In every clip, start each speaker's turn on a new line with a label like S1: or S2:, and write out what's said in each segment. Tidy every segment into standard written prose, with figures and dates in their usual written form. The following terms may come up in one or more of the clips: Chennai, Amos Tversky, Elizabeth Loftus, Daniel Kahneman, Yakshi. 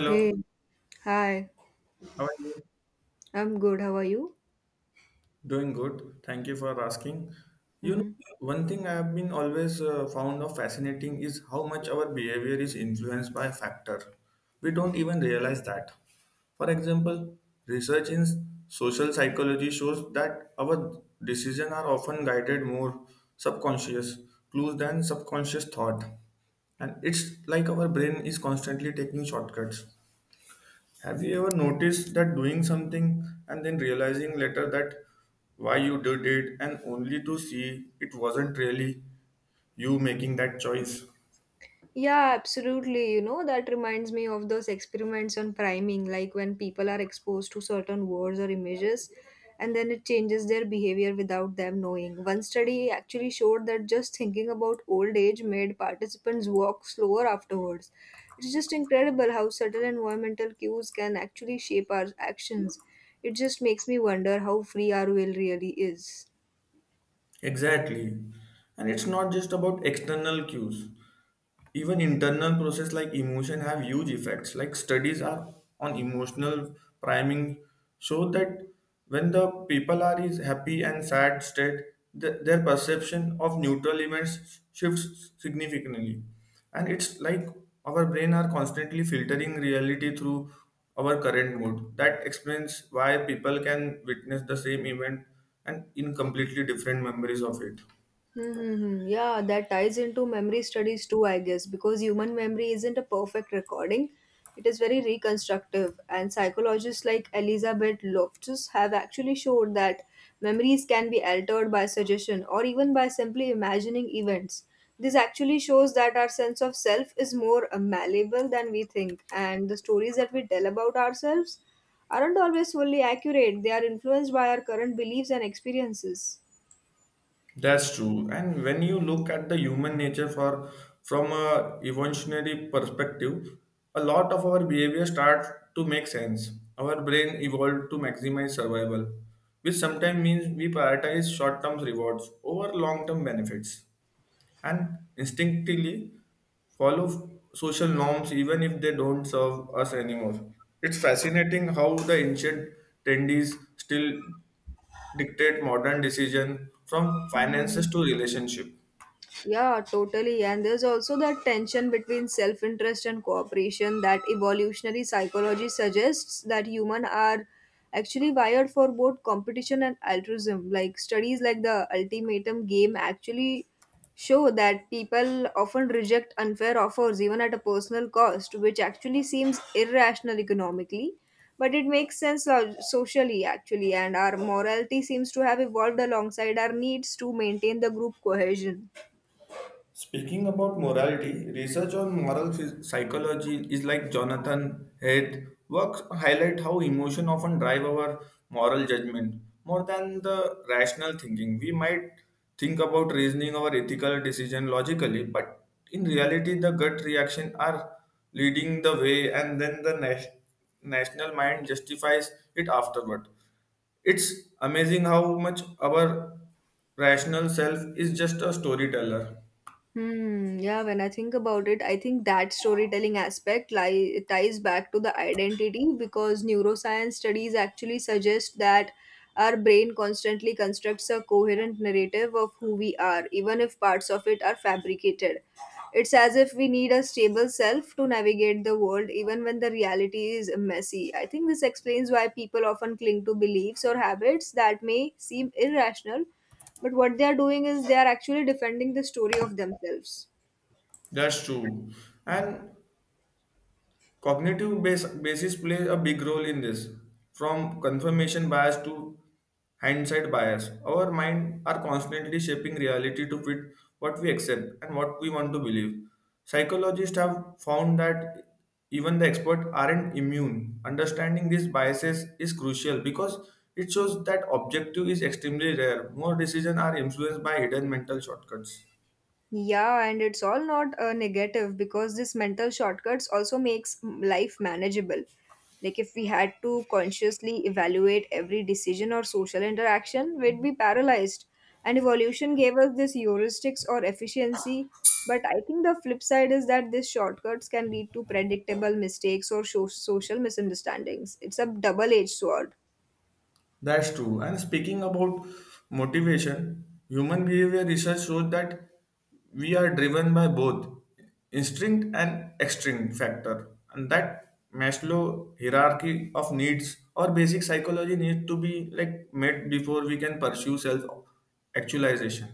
S1: Hey, hi.
S2: how are you?
S1: I'm good. How are you?
S2: Doing good. Thank you for asking. You know,
S1: Mhm.
S2: one thing I have been always found of fascinating is how much our behavior is influenced by factor. We don't even realize that. For example, research in social psychology shows that our decisions are often guided more subconscious clues than subconscious thought. And it's like our brain is constantly taking shortcuts. Have you ever noticed that doing something and then realizing later that why you did it and only to see it wasn't really you making that choice?
S1: Yeah, absolutely. You know, that reminds me of those experiments on priming, like when people are exposed to certain words or images and then it changes their behavior without them knowing. One study actually showed that just thinking about old age made participants walk slower afterwards. It's just incredible how subtle environmental cues can actually shape our actions. It just makes me wonder how free our will really is.
S2: Exactly. And it's not just about external cues. Even internal process like emotion have huge effects, like studies are on emotional priming, so that when the people are is happy and sad state, their perception of neutral events shifts significantly, and it's like our brain are constantly filtering reality through our current mood. That explains why people can witness the same event and in completely different memories of it.
S1: Mm-hmm. Yeah, that ties into memory studies too, I guess, because human memory isn't a perfect recording. It is very reconstructive, and psychologists like Elizabeth Loftus have actually showed that memories can be altered by suggestion or even by simply imagining events. This actually shows that our sense of self is more malleable than we think, and the stories that we tell about ourselves aren't always fully accurate. They are influenced by our current beliefs and experiences.
S2: That's true. And when you look at the human nature for from a evolutionary perspective, a lot of our behavior starts to make sense. Our brain evolved to maximize survival, which sometimes means we prioritize short-term rewards over long-term benefits and instinctively follow social norms even if they don't serve us anymore. It's fascinating how the ancient tendencies still dictate modern decision from finances
S1: Mhm.
S2: to relationship.
S1: Yeah, totally. And there's also that tension between self interest and cooperation that evolutionary psychology suggests that humans are actually wired for both competition and altruism. Like studies like the ultimatum game actually show that people often reject unfair offers even at a personal cost, which actually seems irrational economically. But it makes sense socially, actually, and our morality seems to have evolved alongside our needs to maintain the group cohesion.
S2: Speaking about morality, research on psychology is like Jonathan Haidt works highlight how emotion often drive our moral judgment more than the rational thinking. We might think about reasoning our ethical decision logically, but in reality, the gut reaction are leading the way, and then the national mind justifies it afterward. It's amazing how much our rational self is just a storyteller.
S1: Hmm, yeah, when I think about it, I think that storytelling aspect ties back to the identity because neuroscience studies actually suggest that our brain constantly constructs a coherent narrative of who we are, even if parts of it are fabricated. It's as if we need a stable self to navigate the world, even when the reality is messy. I think this explains why people often cling to beliefs or habits that may seem irrational but what they are doing is they are actually defending the story of themselves.
S2: That's true. And basis plays a big role in this. From confirmation bias to hindsight bias, our mind are constantly shaping reality to fit what we accept and what we want to believe. Psychologists have found that even the experts aren't immune. Understanding these biases is crucial because it shows that objective is extremely rare. More decisions are influenced by hidden mental shortcuts.
S1: Yeah, and it's all not a negative because this mental shortcuts also makes life manageable. Like if we had to consciously evaluate every decision or social interaction, we'd be paralyzed. And evolution gave us this heuristics or efficiency. But I think the flip side is that these shortcuts can lead to predictable mistakes or social misunderstandings. It's a double-edged sword.
S2: That's true. And speaking about motivation, human behavior research shows that we are driven by both instinct and extrinsic factor, and that Maslow hierarchy of needs or basic psychology needs to be like met before we can pursue self actualization.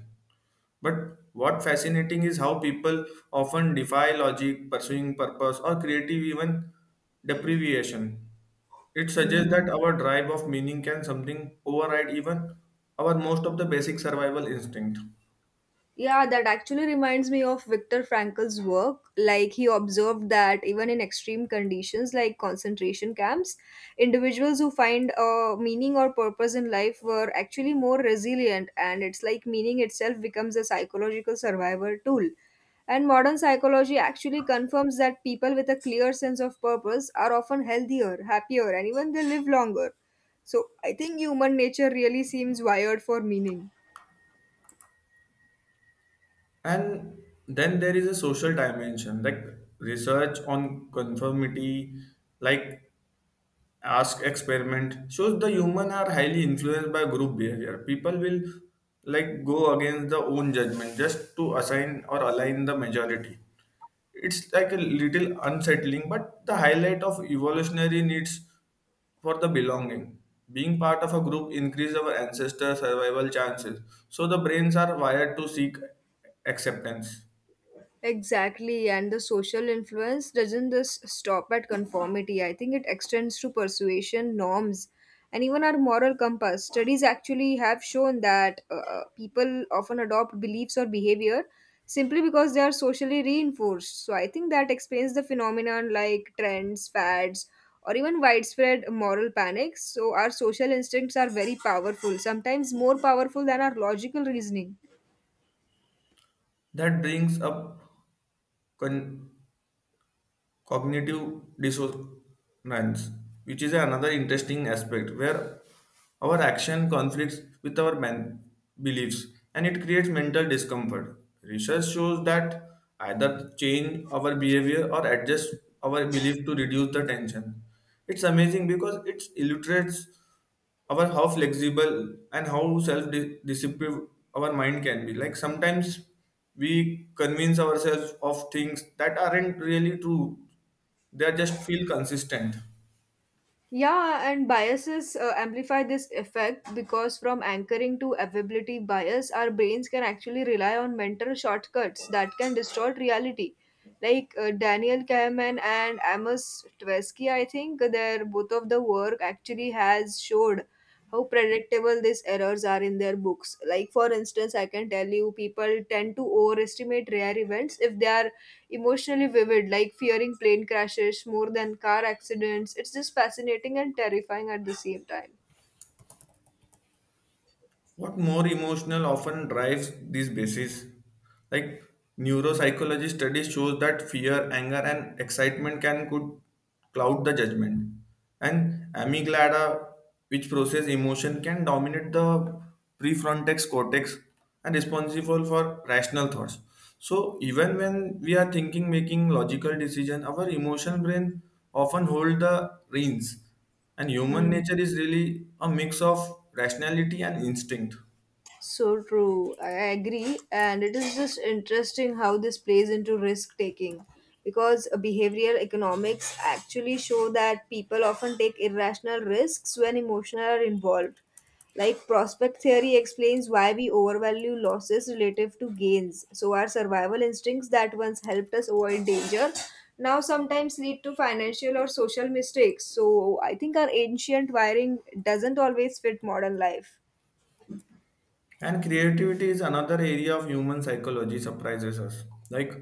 S2: But what fascinating is how people often defy logic, pursuing purpose, or creative even deprivation. It suggests that
S1: Mhm.
S2: our drive of meaning can something override even our most of the basic survival instinct.
S1: Yeah, that actually reminds me of Viktor Frankl's work. Like, he observed that even in extreme conditions like concentration camps, individuals who find a meaning or purpose in life were actually more resilient, and it's like meaning itself becomes a psychological survival tool. And modern psychology actually confirms that people with a clear sense of purpose are often healthier, happier, and even they live longer. So, I think human nature really seems wired for meaning.
S2: And then there is a social dimension, like research on conformity, like ask experiment shows the human are highly influenced by group behavior. People will like go against the own judgment just to assign or align the majority. It's like a little unsettling, but the highlight of evolutionary needs for the belonging, being part of a group, increases our ancestor survival chances. So the brains are wired to seek acceptance.
S1: Exactly, and the social influence doesn't just stop at conformity. I think it extends to persuasion, norms, and even our moral compass. Studies actually have shown that people often adopt beliefs or behavior simply because they are socially reinforced. So I think that explains the phenomenon like trends, fads, or even widespread moral panics. So our social instincts are very powerful, sometimes more powerful than our logical reasoning.
S2: That brings up con- cognitive dissonance, which is another interesting aspect where our action conflicts with our man beliefs, and it creates mental discomfort. Research shows that either change our behavior or adjust our belief to reduce the tension. It's amazing because it illustrates our how flexible and how self-disciplined our mind can be. Like sometimes we convince ourselves of things that aren't really true. They are just feel consistent.
S1: Yeah, and biases amplify this effect because from anchoring to availability bias, our brains can actually rely on mental shortcuts that can distort reality. Like Daniel Kahneman and Amos Tversky, I think their both of the work actually has showed how predictable these errors are in their books. Like, for instance, I can tell you people tend to overestimate rare events if they are emotionally vivid, like fearing plane crashes more than car accidents. It's just fascinating and terrifying at the same time.
S2: What more emotional often drives these bases, like neuropsychology studies shows that fear, anger and excitement can could cloud the judgment, and amygdala, which process emotion, can dominate the prefrontal cortex and responsible for rational thoughts. So even when we are thinking making logical decision, our emotional brain often hold the reins, and human
S1: Hmm.
S2: nature is really a mix of rationality and instinct.
S1: So true. I agree. And it is just interesting how this plays into risk taking because behavioral economics actually show that people often take irrational risks when emotional are involved. Like prospect theory explains why we overvalue losses relative to gains. So our survival instincts that once helped us avoid danger now sometimes lead to financial or social mistakes. So I think our ancient wiring doesn't always fit modern life.
S2: And creativity is another area of human psychology surprises us. Like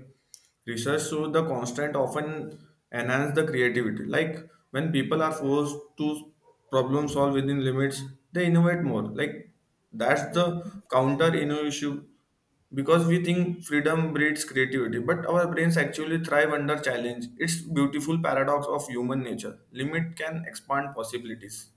S2: research shows the constant often enhance the creativity. Like when people are forced to problem solve within limits, they innovate more. Like that's the counter innovation, because we think freedom breeds creativity, but our brains actually thrive under challenge. It's beautiful paradox of human nature. Limit can expand possibilities.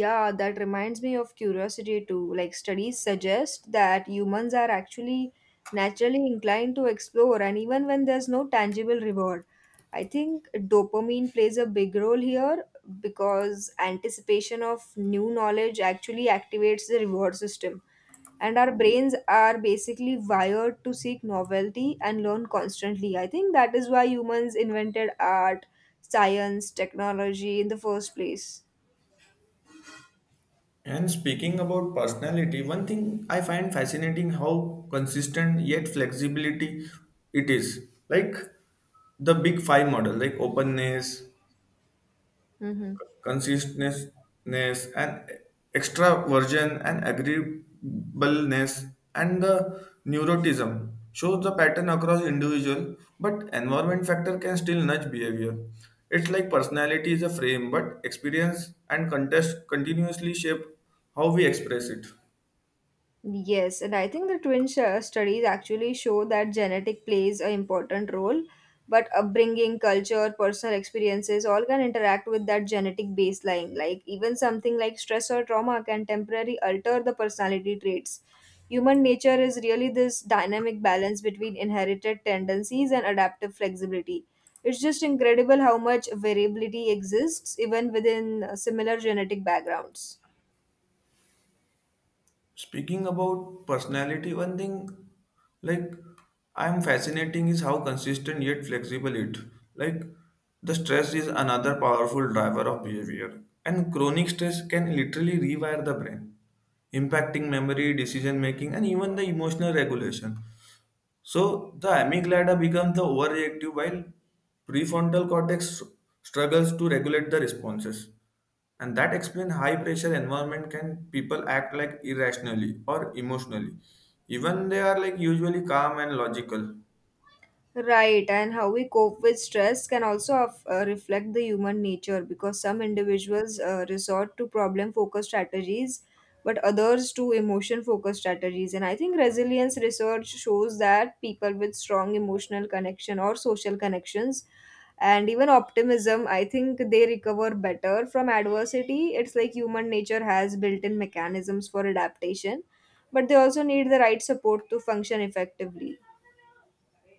S1: Yeah, that reminds me of curiosity too. Like studies suggest that humans are actually naturally inclined to explore, and even when there's no tangible reward, I think dopamine plays a big role here because anticipation of new knowledge actually activates the reward system. And our brains are basically wired to seek novelty and learn constantly. I think that is why humans invented art, science, technology in the first place.
S2: And speaking about personality, one thing I find fascinating how consistent yet flexibility it is. Like the big five model, like openness,
S1: Hmm.
S2: consistentness, and extraversion and agreeableness and the neuroticism shows the pattern across individual, but environment factor can still nudge behavior. It's like personality is a frame, but experience and context continuously shape how we express it.
S1: Yes, and I think the studies actually show that genetic plays an important role, but upbringing, culture, personal experiences all can interact with that genetic baseline. Like even something like stress or trauma can temporarily alter the personality traits. Human nature is really this dynamic balance between inherited tendencies and adaptive flexibility. It's just incredible how much variability exists even within similar genetic backgrounds.
S2: Speaking about personality, one thing like I'm fascinating is how consistent yet flexible it. Like the stress is another powerful driver of behavior, and chronic stress can literally rewire the brain, impacting memory, decision making, and even the emotional regulation. So the amygdala becomes the overreactive while prefrontal cortex struggles to regulate the responses. And that explains high pressure environment can people act like irrationally or emotionally. Even they are like usually calm and logical.
S1: Right, and how we cope with stress can also reflect the human nature because some individuals resort to problem focused strategies, but others to emotion focused strategies. And I think resilience research shows that people with strong emotional connection or social connections and even optimism, I think they recover better from adversity. It's like human nature has built in mechanisms for adaptation, but they also need the right support to function effectively.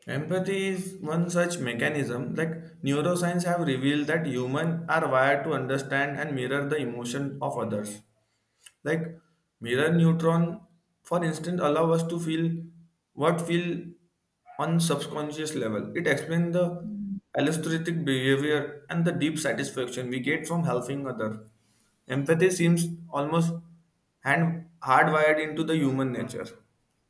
S2: Empathy is one such mechanism. Like neuroscience have revealed that humans are wired to understand and mirror the emotion of others. Like mirror neutron, for instance, allow us to feel what feel on subconscious level. It explains the altruistic behavior and the deep satisfaction we get from helping other. Empathy seems almost hand hardwired into the human nature.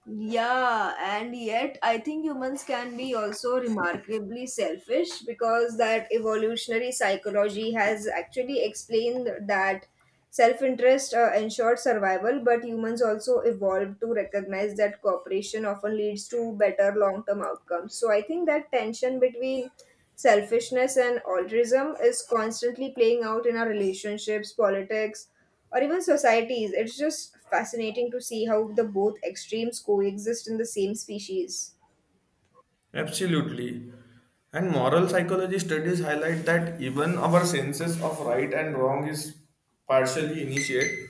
S1: Yeah, and yet I think humans can be also remarkably selfish because that evolutionary psychology has actually explained that self interest ensured survival, but humans also evolved to recognize that cooperation often leads to better long term outcomes. So I think that tension between selfishness and altruism is constantly playing out in our relationships, politics, or even societies. It's just fascinating to see how the both extremes coexist in the same species.
S2: Absolutely. And moral psychology studies highlight that even our senses of right and wrong is partially initiated,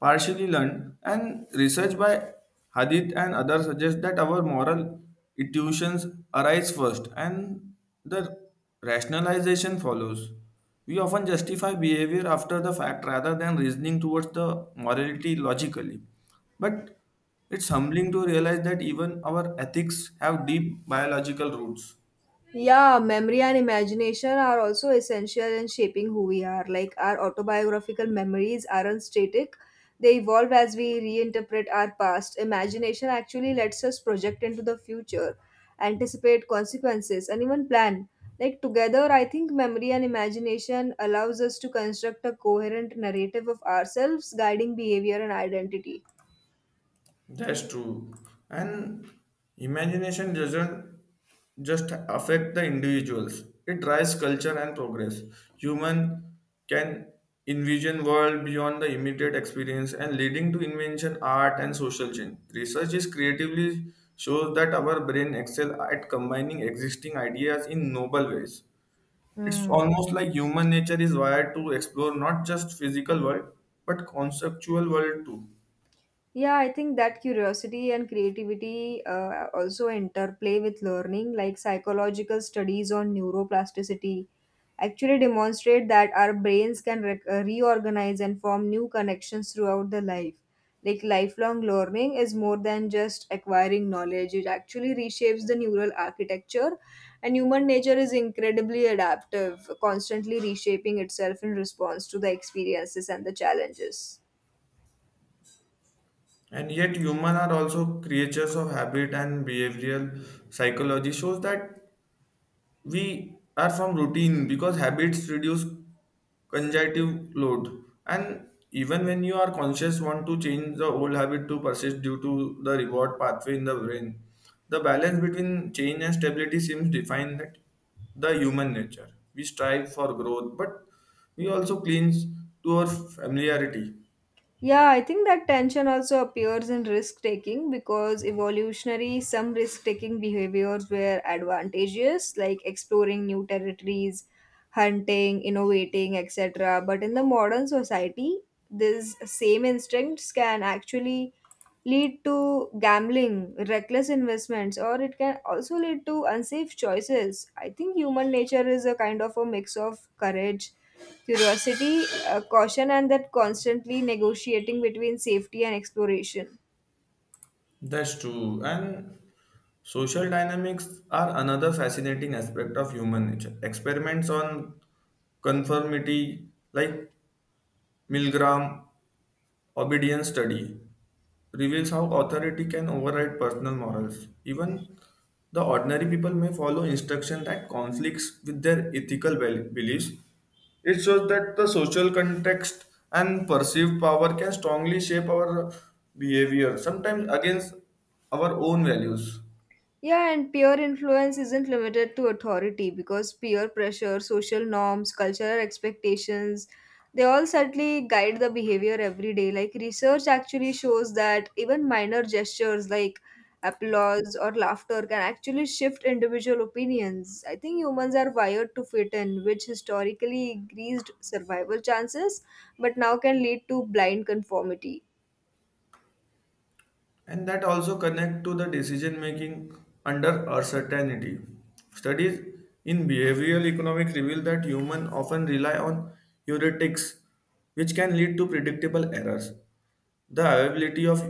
S2: partially learned, and research by Hadith and others suggests that our moral intuitions arise first and the rationalization follows. We often justify behavior after the fact rather than reasoning towards the morality logically. But it's humbling to realize that even our ethics have deep biological roots.
S1: Yeah, memory and imagination are also essential in shaping who we are. Like our autobiographical memories aren't static, they evolve as we reinterpret our past. Imagination actually lets us project into the future, anticipate consequences, and even plan. Like together, I think memory and imagination allows us to construct a coherent narrative of ourselves, guiding behavior and identity.
S2: That's true. And imagination doesn't just affect the individuals. It drives culture and progress. Human can envision world beyond the immediate experience and leading to invention, art and social change. Research is creatively shows that our brain excel at combining existing ideas in noble ways. It's
S1: Hmm.
S2: almost like human nature is wired to explore not just physical world but conceptual world too.
S1: Yeah, I think that curiosity and creativity also interplay with learning, like psychological studies on neuroplasticity actually demonstrate that our brains can reorganize and form new connections throughout the life. Like lifelong learning is more than just acquiring knowledge, it actually reshapes the neural architecture, and human nature is incredibly adaptive, constantly reshaping itself in response to the experiences and the challenges.
S2: And yet, humans are also creatures of habit, and behavioral psychology shows that we are from routine because habits reduce cognitive load. And even when you are conscious, want to change the old habit to persist due to the reward pathway in the brain. The balance between change and stability seems defined that the human nature. We strive for growth, but we also cling to our familiarity.
S1: Yeah, I think that tension also appears in risk taking because evolutionary, some risk taking behaviors were advantageous, like exploring new territories, hunting, innovating, etc. But in the modern society, these same instincts can actually lead to gambling, reckless investments, or it can also lead to unsafe choices. I think human nature is a kind of a mix of courage curiosity, caution, and that constantly negotiating between safety and exploration.
S2: That's true. And social dynamics are another fascinating aspect of human nature. Experiments on conformity, like Milgram obedience study, reveals how authority can override personal morals. Even the ordinary people may follow instruction that conflicts with their ethical beliefs. It shows that the social context and perceived power can strongly shape our behavior, sometimes against our own values.
S1: Yeah, and peer influence isn't limited to authority because peer pressure, social norms, cultural expectations, they all certainly guide the behavior every day. Like, research actually shows that even minor gestures like applause or laughter can actually shift individual opinions. I think humans are wired to fit in, which historically increased survival chances, but now can lead to blind conformity.
S2: And that also connect to the decision making under uncertainty. Studies in behavioral economics reveal that humans often rely on heuristics, which can lead to predictable errors. The availability of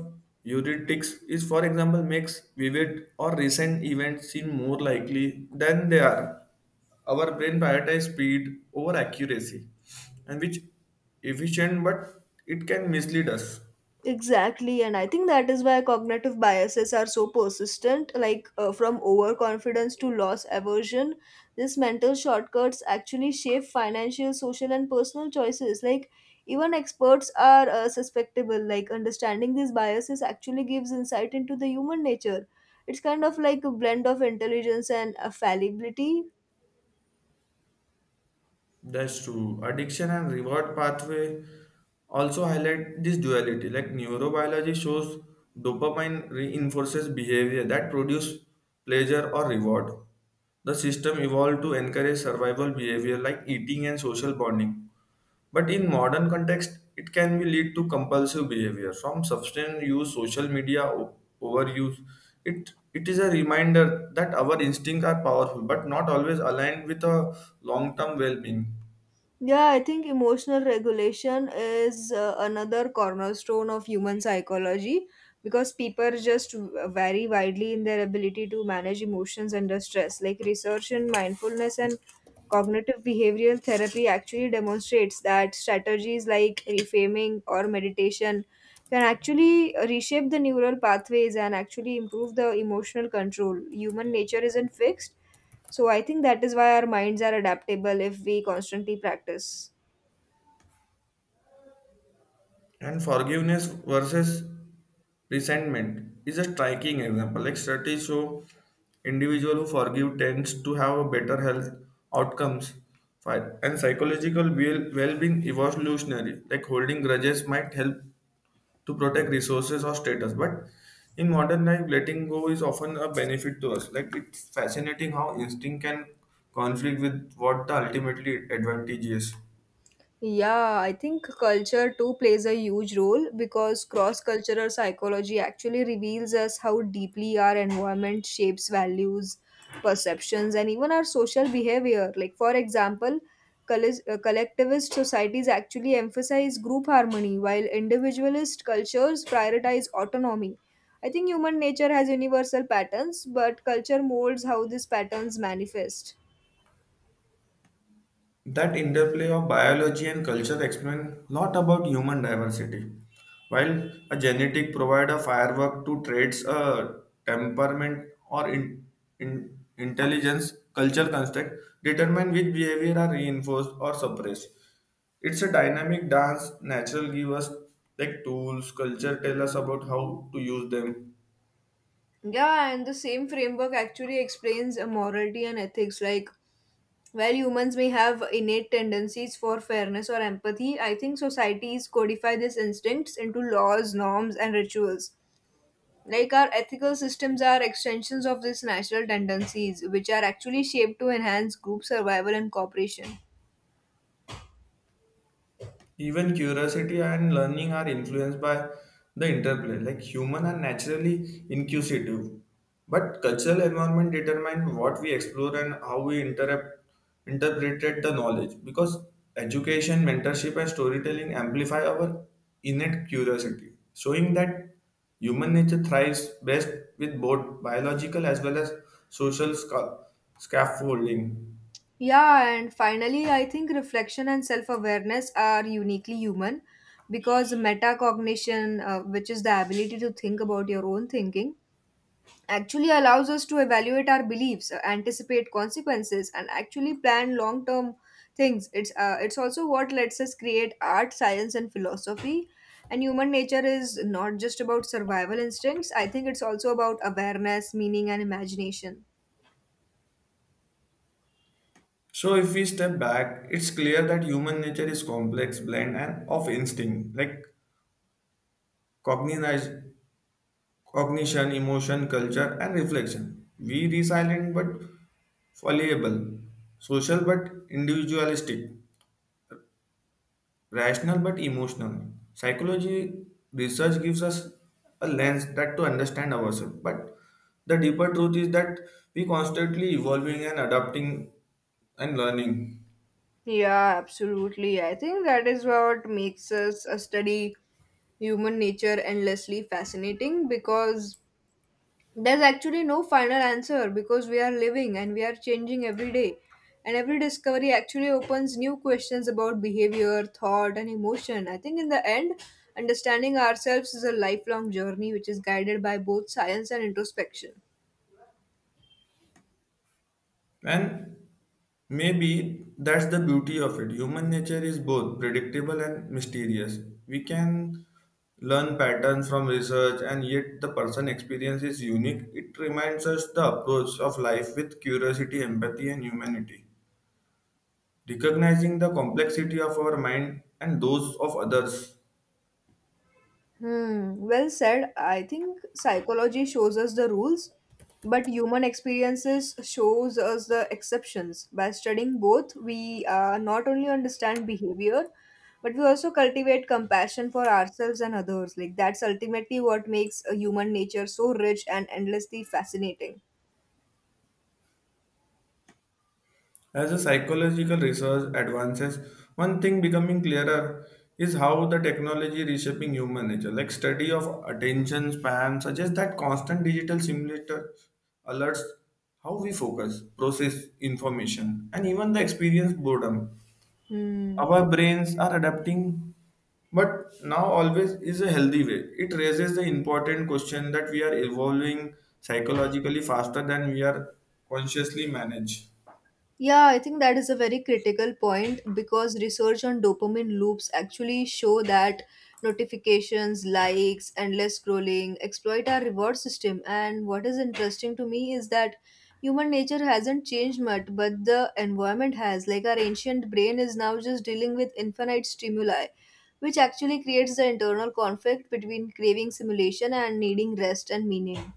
S2: heuristics is for example makes vivid or recent events seem more likely than they are. Our brain prioritizes speed over accuracy, and which efficient, but it can mislead us.
S1: Exactly, and I think that is why cognitive biases are so persistent, like from overconfidence to loss aversion. These mental shortcuts actually shape financial, social, and personal choices. Like, even experts are susceptible. Like, understanding these biases actually gives insight into the human nature. It's kind of like a blend of intelligence and fallibility.
S2: That's true. Addiction and reward pathway also highlight this duality. Like neurobiology shows dopamine reinforces behavior that produce pleasure or reward. The system evolved to encourage survival behavior like eating and social bonding. But in modern context, it can be lead to compulsive behavior from substance use, social media overuse. It is a reminder that our instincts are powerful, but not always aligned with a long-term well-being.
S1: Yeah, I think emotional regulation is another cornerstone of human psychology because people just vary widely in their ability to manage emotions under stress. Like research in mindfulness and cognitive behavioral therapy actually demonstrates that strategies like reframing or meditation can actually reshape the neural pathways and actually improve the emotional control. Human nature isn't fixed so I think that is why our minds are adaptable if we constantly practice.
S2: And forgiveness versus resentment is a striking example. Like studies show individual who forgive tends to have a better health outcomes and psychological well-being evolutionary. Like holding grudges might help to protect resources or status, but in modern life, letting go is often a benefit to us. Like it's fascinating how instinct can conflict with what the ultimately advantage is.
S1: Yeah, I think culture too plays a huge role because cross cultural psychology actually reveals us how deeply our environment shapes values, perceptions, and even our social behavior. Like, for example, collectivist societies actually emphasize group harmony, while individualist cultures prioritize autonomy. I think human nature has universal patterns, but culture molds how these patterns manifest.
S2: That interplay of biology and culture explains a lot about human diversity. While a genetic provides a firework to traits, a temperament or in intelligence, culture construct determine which behavior are reinforced or suppressed. It's a dynamic dance. Natural give us like tools. Culture tell us about how to use them.
S1: Yeah, and the same framework actually explains morality and ethics. Like, while humans may have innate tendencies for fairness or empathy, I think societies codify these instincts into laws, norms, and rituals. Like, our ethical systems are extensions of these natural tendencies, which are actually shaped to enhance group survival and cooperation.
S2: Even curiosity and learning are influenced by the interplay. Like human are naturally inquisitive, but cultural environment determine what we explore and how we interpreted the knowledge. Because education, mentorship, and storytelling amplify our innate curiosity, showing that human nature thrives best with both biological as well as social scaffolding.
S1: Yeah, and finally, I think reflection and self awareness are uniquely human because metacognition, which is the ability to think about your own thinking, actually allows us to evaluate our beliefs, anticipate consequences, and actually plan long term things. It's also what lets us create art, science, and philosophy. And human nature is not just about survival instincts, I think it's also about awareness, meaning, and imagination.
S2: So, if we step back, it's clear that human nature is complex blend and of instinct, like cognize, cognition, emotion, culture, and reflection. We resilient but fallible, social but individualistic, rational but emotional. Psychology research gives us a lens that to understand ourselves, but the deeper truth is that we constantly evolving and adapting and learning.
S1: Yeah, absolutely. I think that is what makes us study human nature endlessly fascinating because there's actually no final answer because we are living and we are changing every day and every discovery actually opens new questions about behavior thought and emotion I think in the end understanding ourselves is a lifelong journey which is guided by both science and introspection.
S2: And maybe that's the beauty of it. Human nature is both predictable and mysterious. We can learn patterns from research, and yet the person experience is unique. It reminds us the approach of life with curiosity, empathy, and humanity, recognizing the complexity of our mind and those of others.
S1: Hmm, well said. I think psychology shows us the rules, but human experiences shows us the exceptions. By studying both, we not only understand behavior, but we also cultivate compassion for ourselves and others. Like that's ultimately what makes a human nature so rich and endlessly fascinating.
S2: As the psychological research advances, one thing becoming clearer is how the technology reshaping human nature. Like study of attention span suggests that constant digital simulator alerts how we focus, process information, and even the experience boredom.
S1: Hmm.
S2: Our brains are adapting, but now always is a healthy way. It raises the important question that we are evolving psychologically faster than we are consciously manage.
S1: Yeah, I think that is a very critical point because research on dopamine loops actually show that notifications, likes, endless scrolling exploit our reward system. And what is interesting to me is that human nature hasn't changed much, but the environment has. Like our ancient brain is now just dealing with infinite stimuli, which actually creates the internal conflict between craving simulation and needing rest and meaning.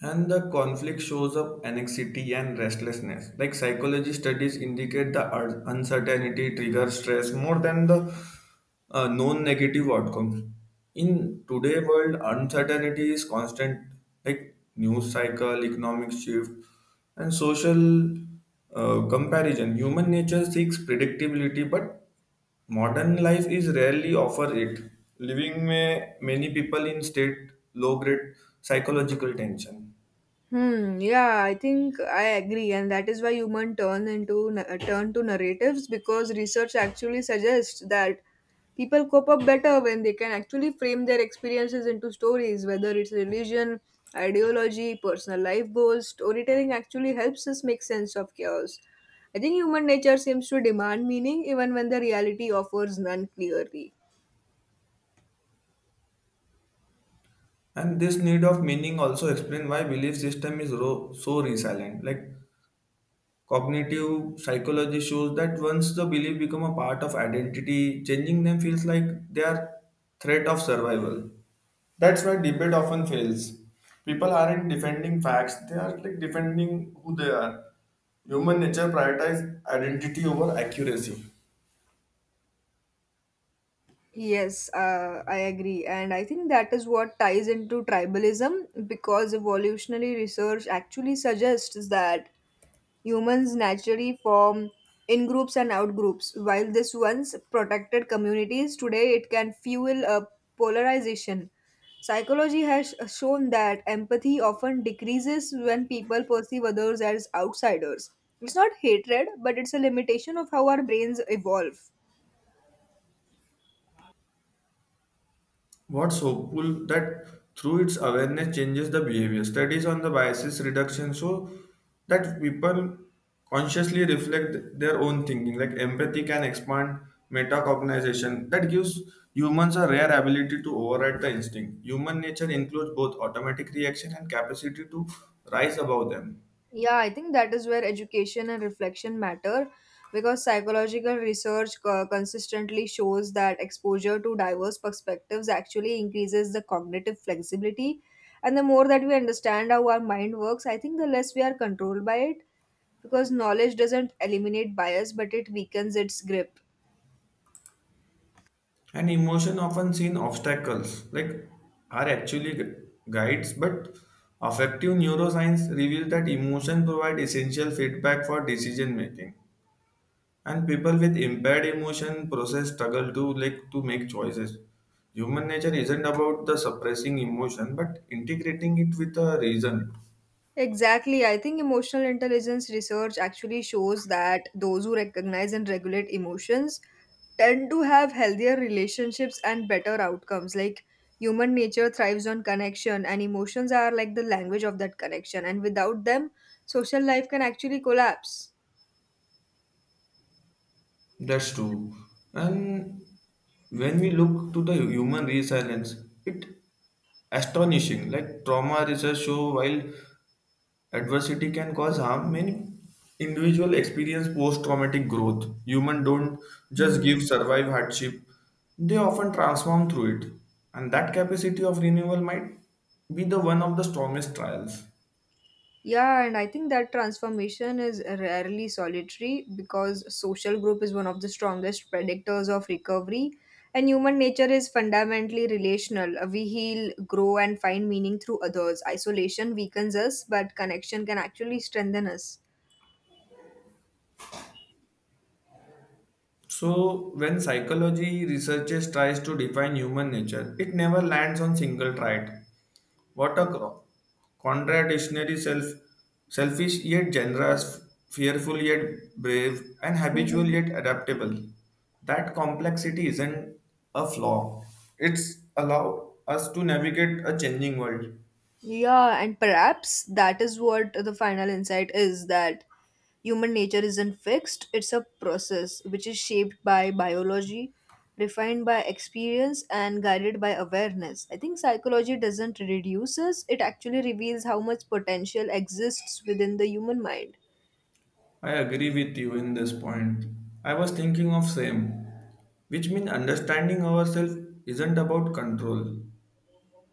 S2: And the conflict shows up anxiety and restlessness. Like psychology studies indicate the uncertainty triggers stress more than the known negative outcomes. In today world, uncertainty is constant, like news cycle, economic shift, and social comparison. Human nature seeks predictability, but modern life is rarely offer it, living, many people in state low-grade psychological tension.
S1: Hmm. Yeah, I think I agree, and that is why human turn into turn to narratives because research actually suggests that people cope up better when they can actually frame their experiences into stories, whether it's religion, ideology, personal life goals. Storytelling actually helps us make sense of chaos. I think human nature seems to demand meaning even when the reality offers none clearly.
S2: And this need of meaning also explain why belief system is so resilient. Like cognitive psychology shows that once the belief become a part of identity, changing them feels like they are threat of survival. That's why debate often fails. People aren't defending facts, they are like defending who they are. Human nature prioritizes identity over accuracy.
S1: Yes, I agree. And I think that is what ties into tribalism because evolutionary research actually suggests that humans naturally form in groups and out groups. While this once protected communities, today it can fuel a polarization. Psychology has shown that empathy often decreases when people perceive others as outsiders. It's not hatred, but it's a limitation of how our brains evolve.
S2: What's hopeful that through its awareness changes the behavior. Studies on the biases reduction show that people consciously reflect their own thinking. Like empathy can expand metacognition that gives humans a rare ability to override the instinct. Human nature includes both automatic reaction and capacity to rise above them.
S1: Yeah, I think that is where education and reflection matter because psychological research consistently shows that exposure to diverse perspectives actually increases the cognitive flexibility. And the more that we understand how our mind works, I think the less we are controlled by it because knowledge doesn't eliminate bias but it weakens its grip.
S2: And emotion often seen obstacles, like are actually guides, but affective neuroscience reveals that emotion provide essential feedback for decision making. And people with impaired emotion process struggle to like to make choices. Human nature isn't about the suppressing emotion, but integrating it with a reason.
S1: Exactly. I think emotional intelligence research actually shows that those who recognize and regulate emotions tend to have healthier relationships and better outcomes. Like human nature thrives on connection, and emotions are like the language of that connection. And without them, social life can actually collapse.
S2: That's true. And when we look to the human resilience, it astonishing. Like trauma research show while adversity can cause harm. Many individual experience post-traumatic growth. Human don't just give
S1: Hmm.
S2: survive hardship; they often transform through it, and that capacity of renewal might be the one of the strongest trials.
S1: Yeah, and I think that transformation is rarely solitary because social group is one of the strongest predictors of recovery. And human nature is fundamentally relational. We heal, grow, and find meaning through others. Isolation weakens us, but connection can actually strengthen us.
S2: So, when psychology researchers tries to define human nature, it never lands on single trait. What a contradictionary self, selfish yet generous, fearful yet brave, and habitual
S1: Mhm.
S2: yet adaptable. That complexity isn't a flaw. It's allow us to navigate a changing world.
S1: Yeah, and perhaps that is what the final insight is that human nature isn't fixed, it's a process which is shaped by biology, refined by experience, and guided by awareness. I think psychology doesn't reduce us, it actually reveals how much potential exists within the human mind.
S2: I agree with you in this point. I was thinking of same, which means understanding ourselves isn't about control.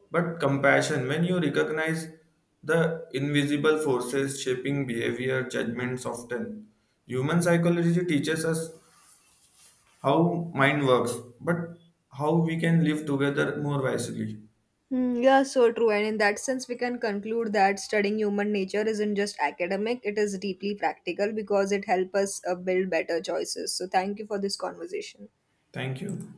S2: But compassion, when you recognize the invisible forces shaping behavior, judgments often. Human psychology teaches us how mind works, but how we can live together more wisely.
S1: Hmm, yeah, so true. And in that sense, we can conclude that studying human nature isn't just academic, it is deeply practical because it helps us build better choices. So, thank you for this conversation.
S2: Thank you.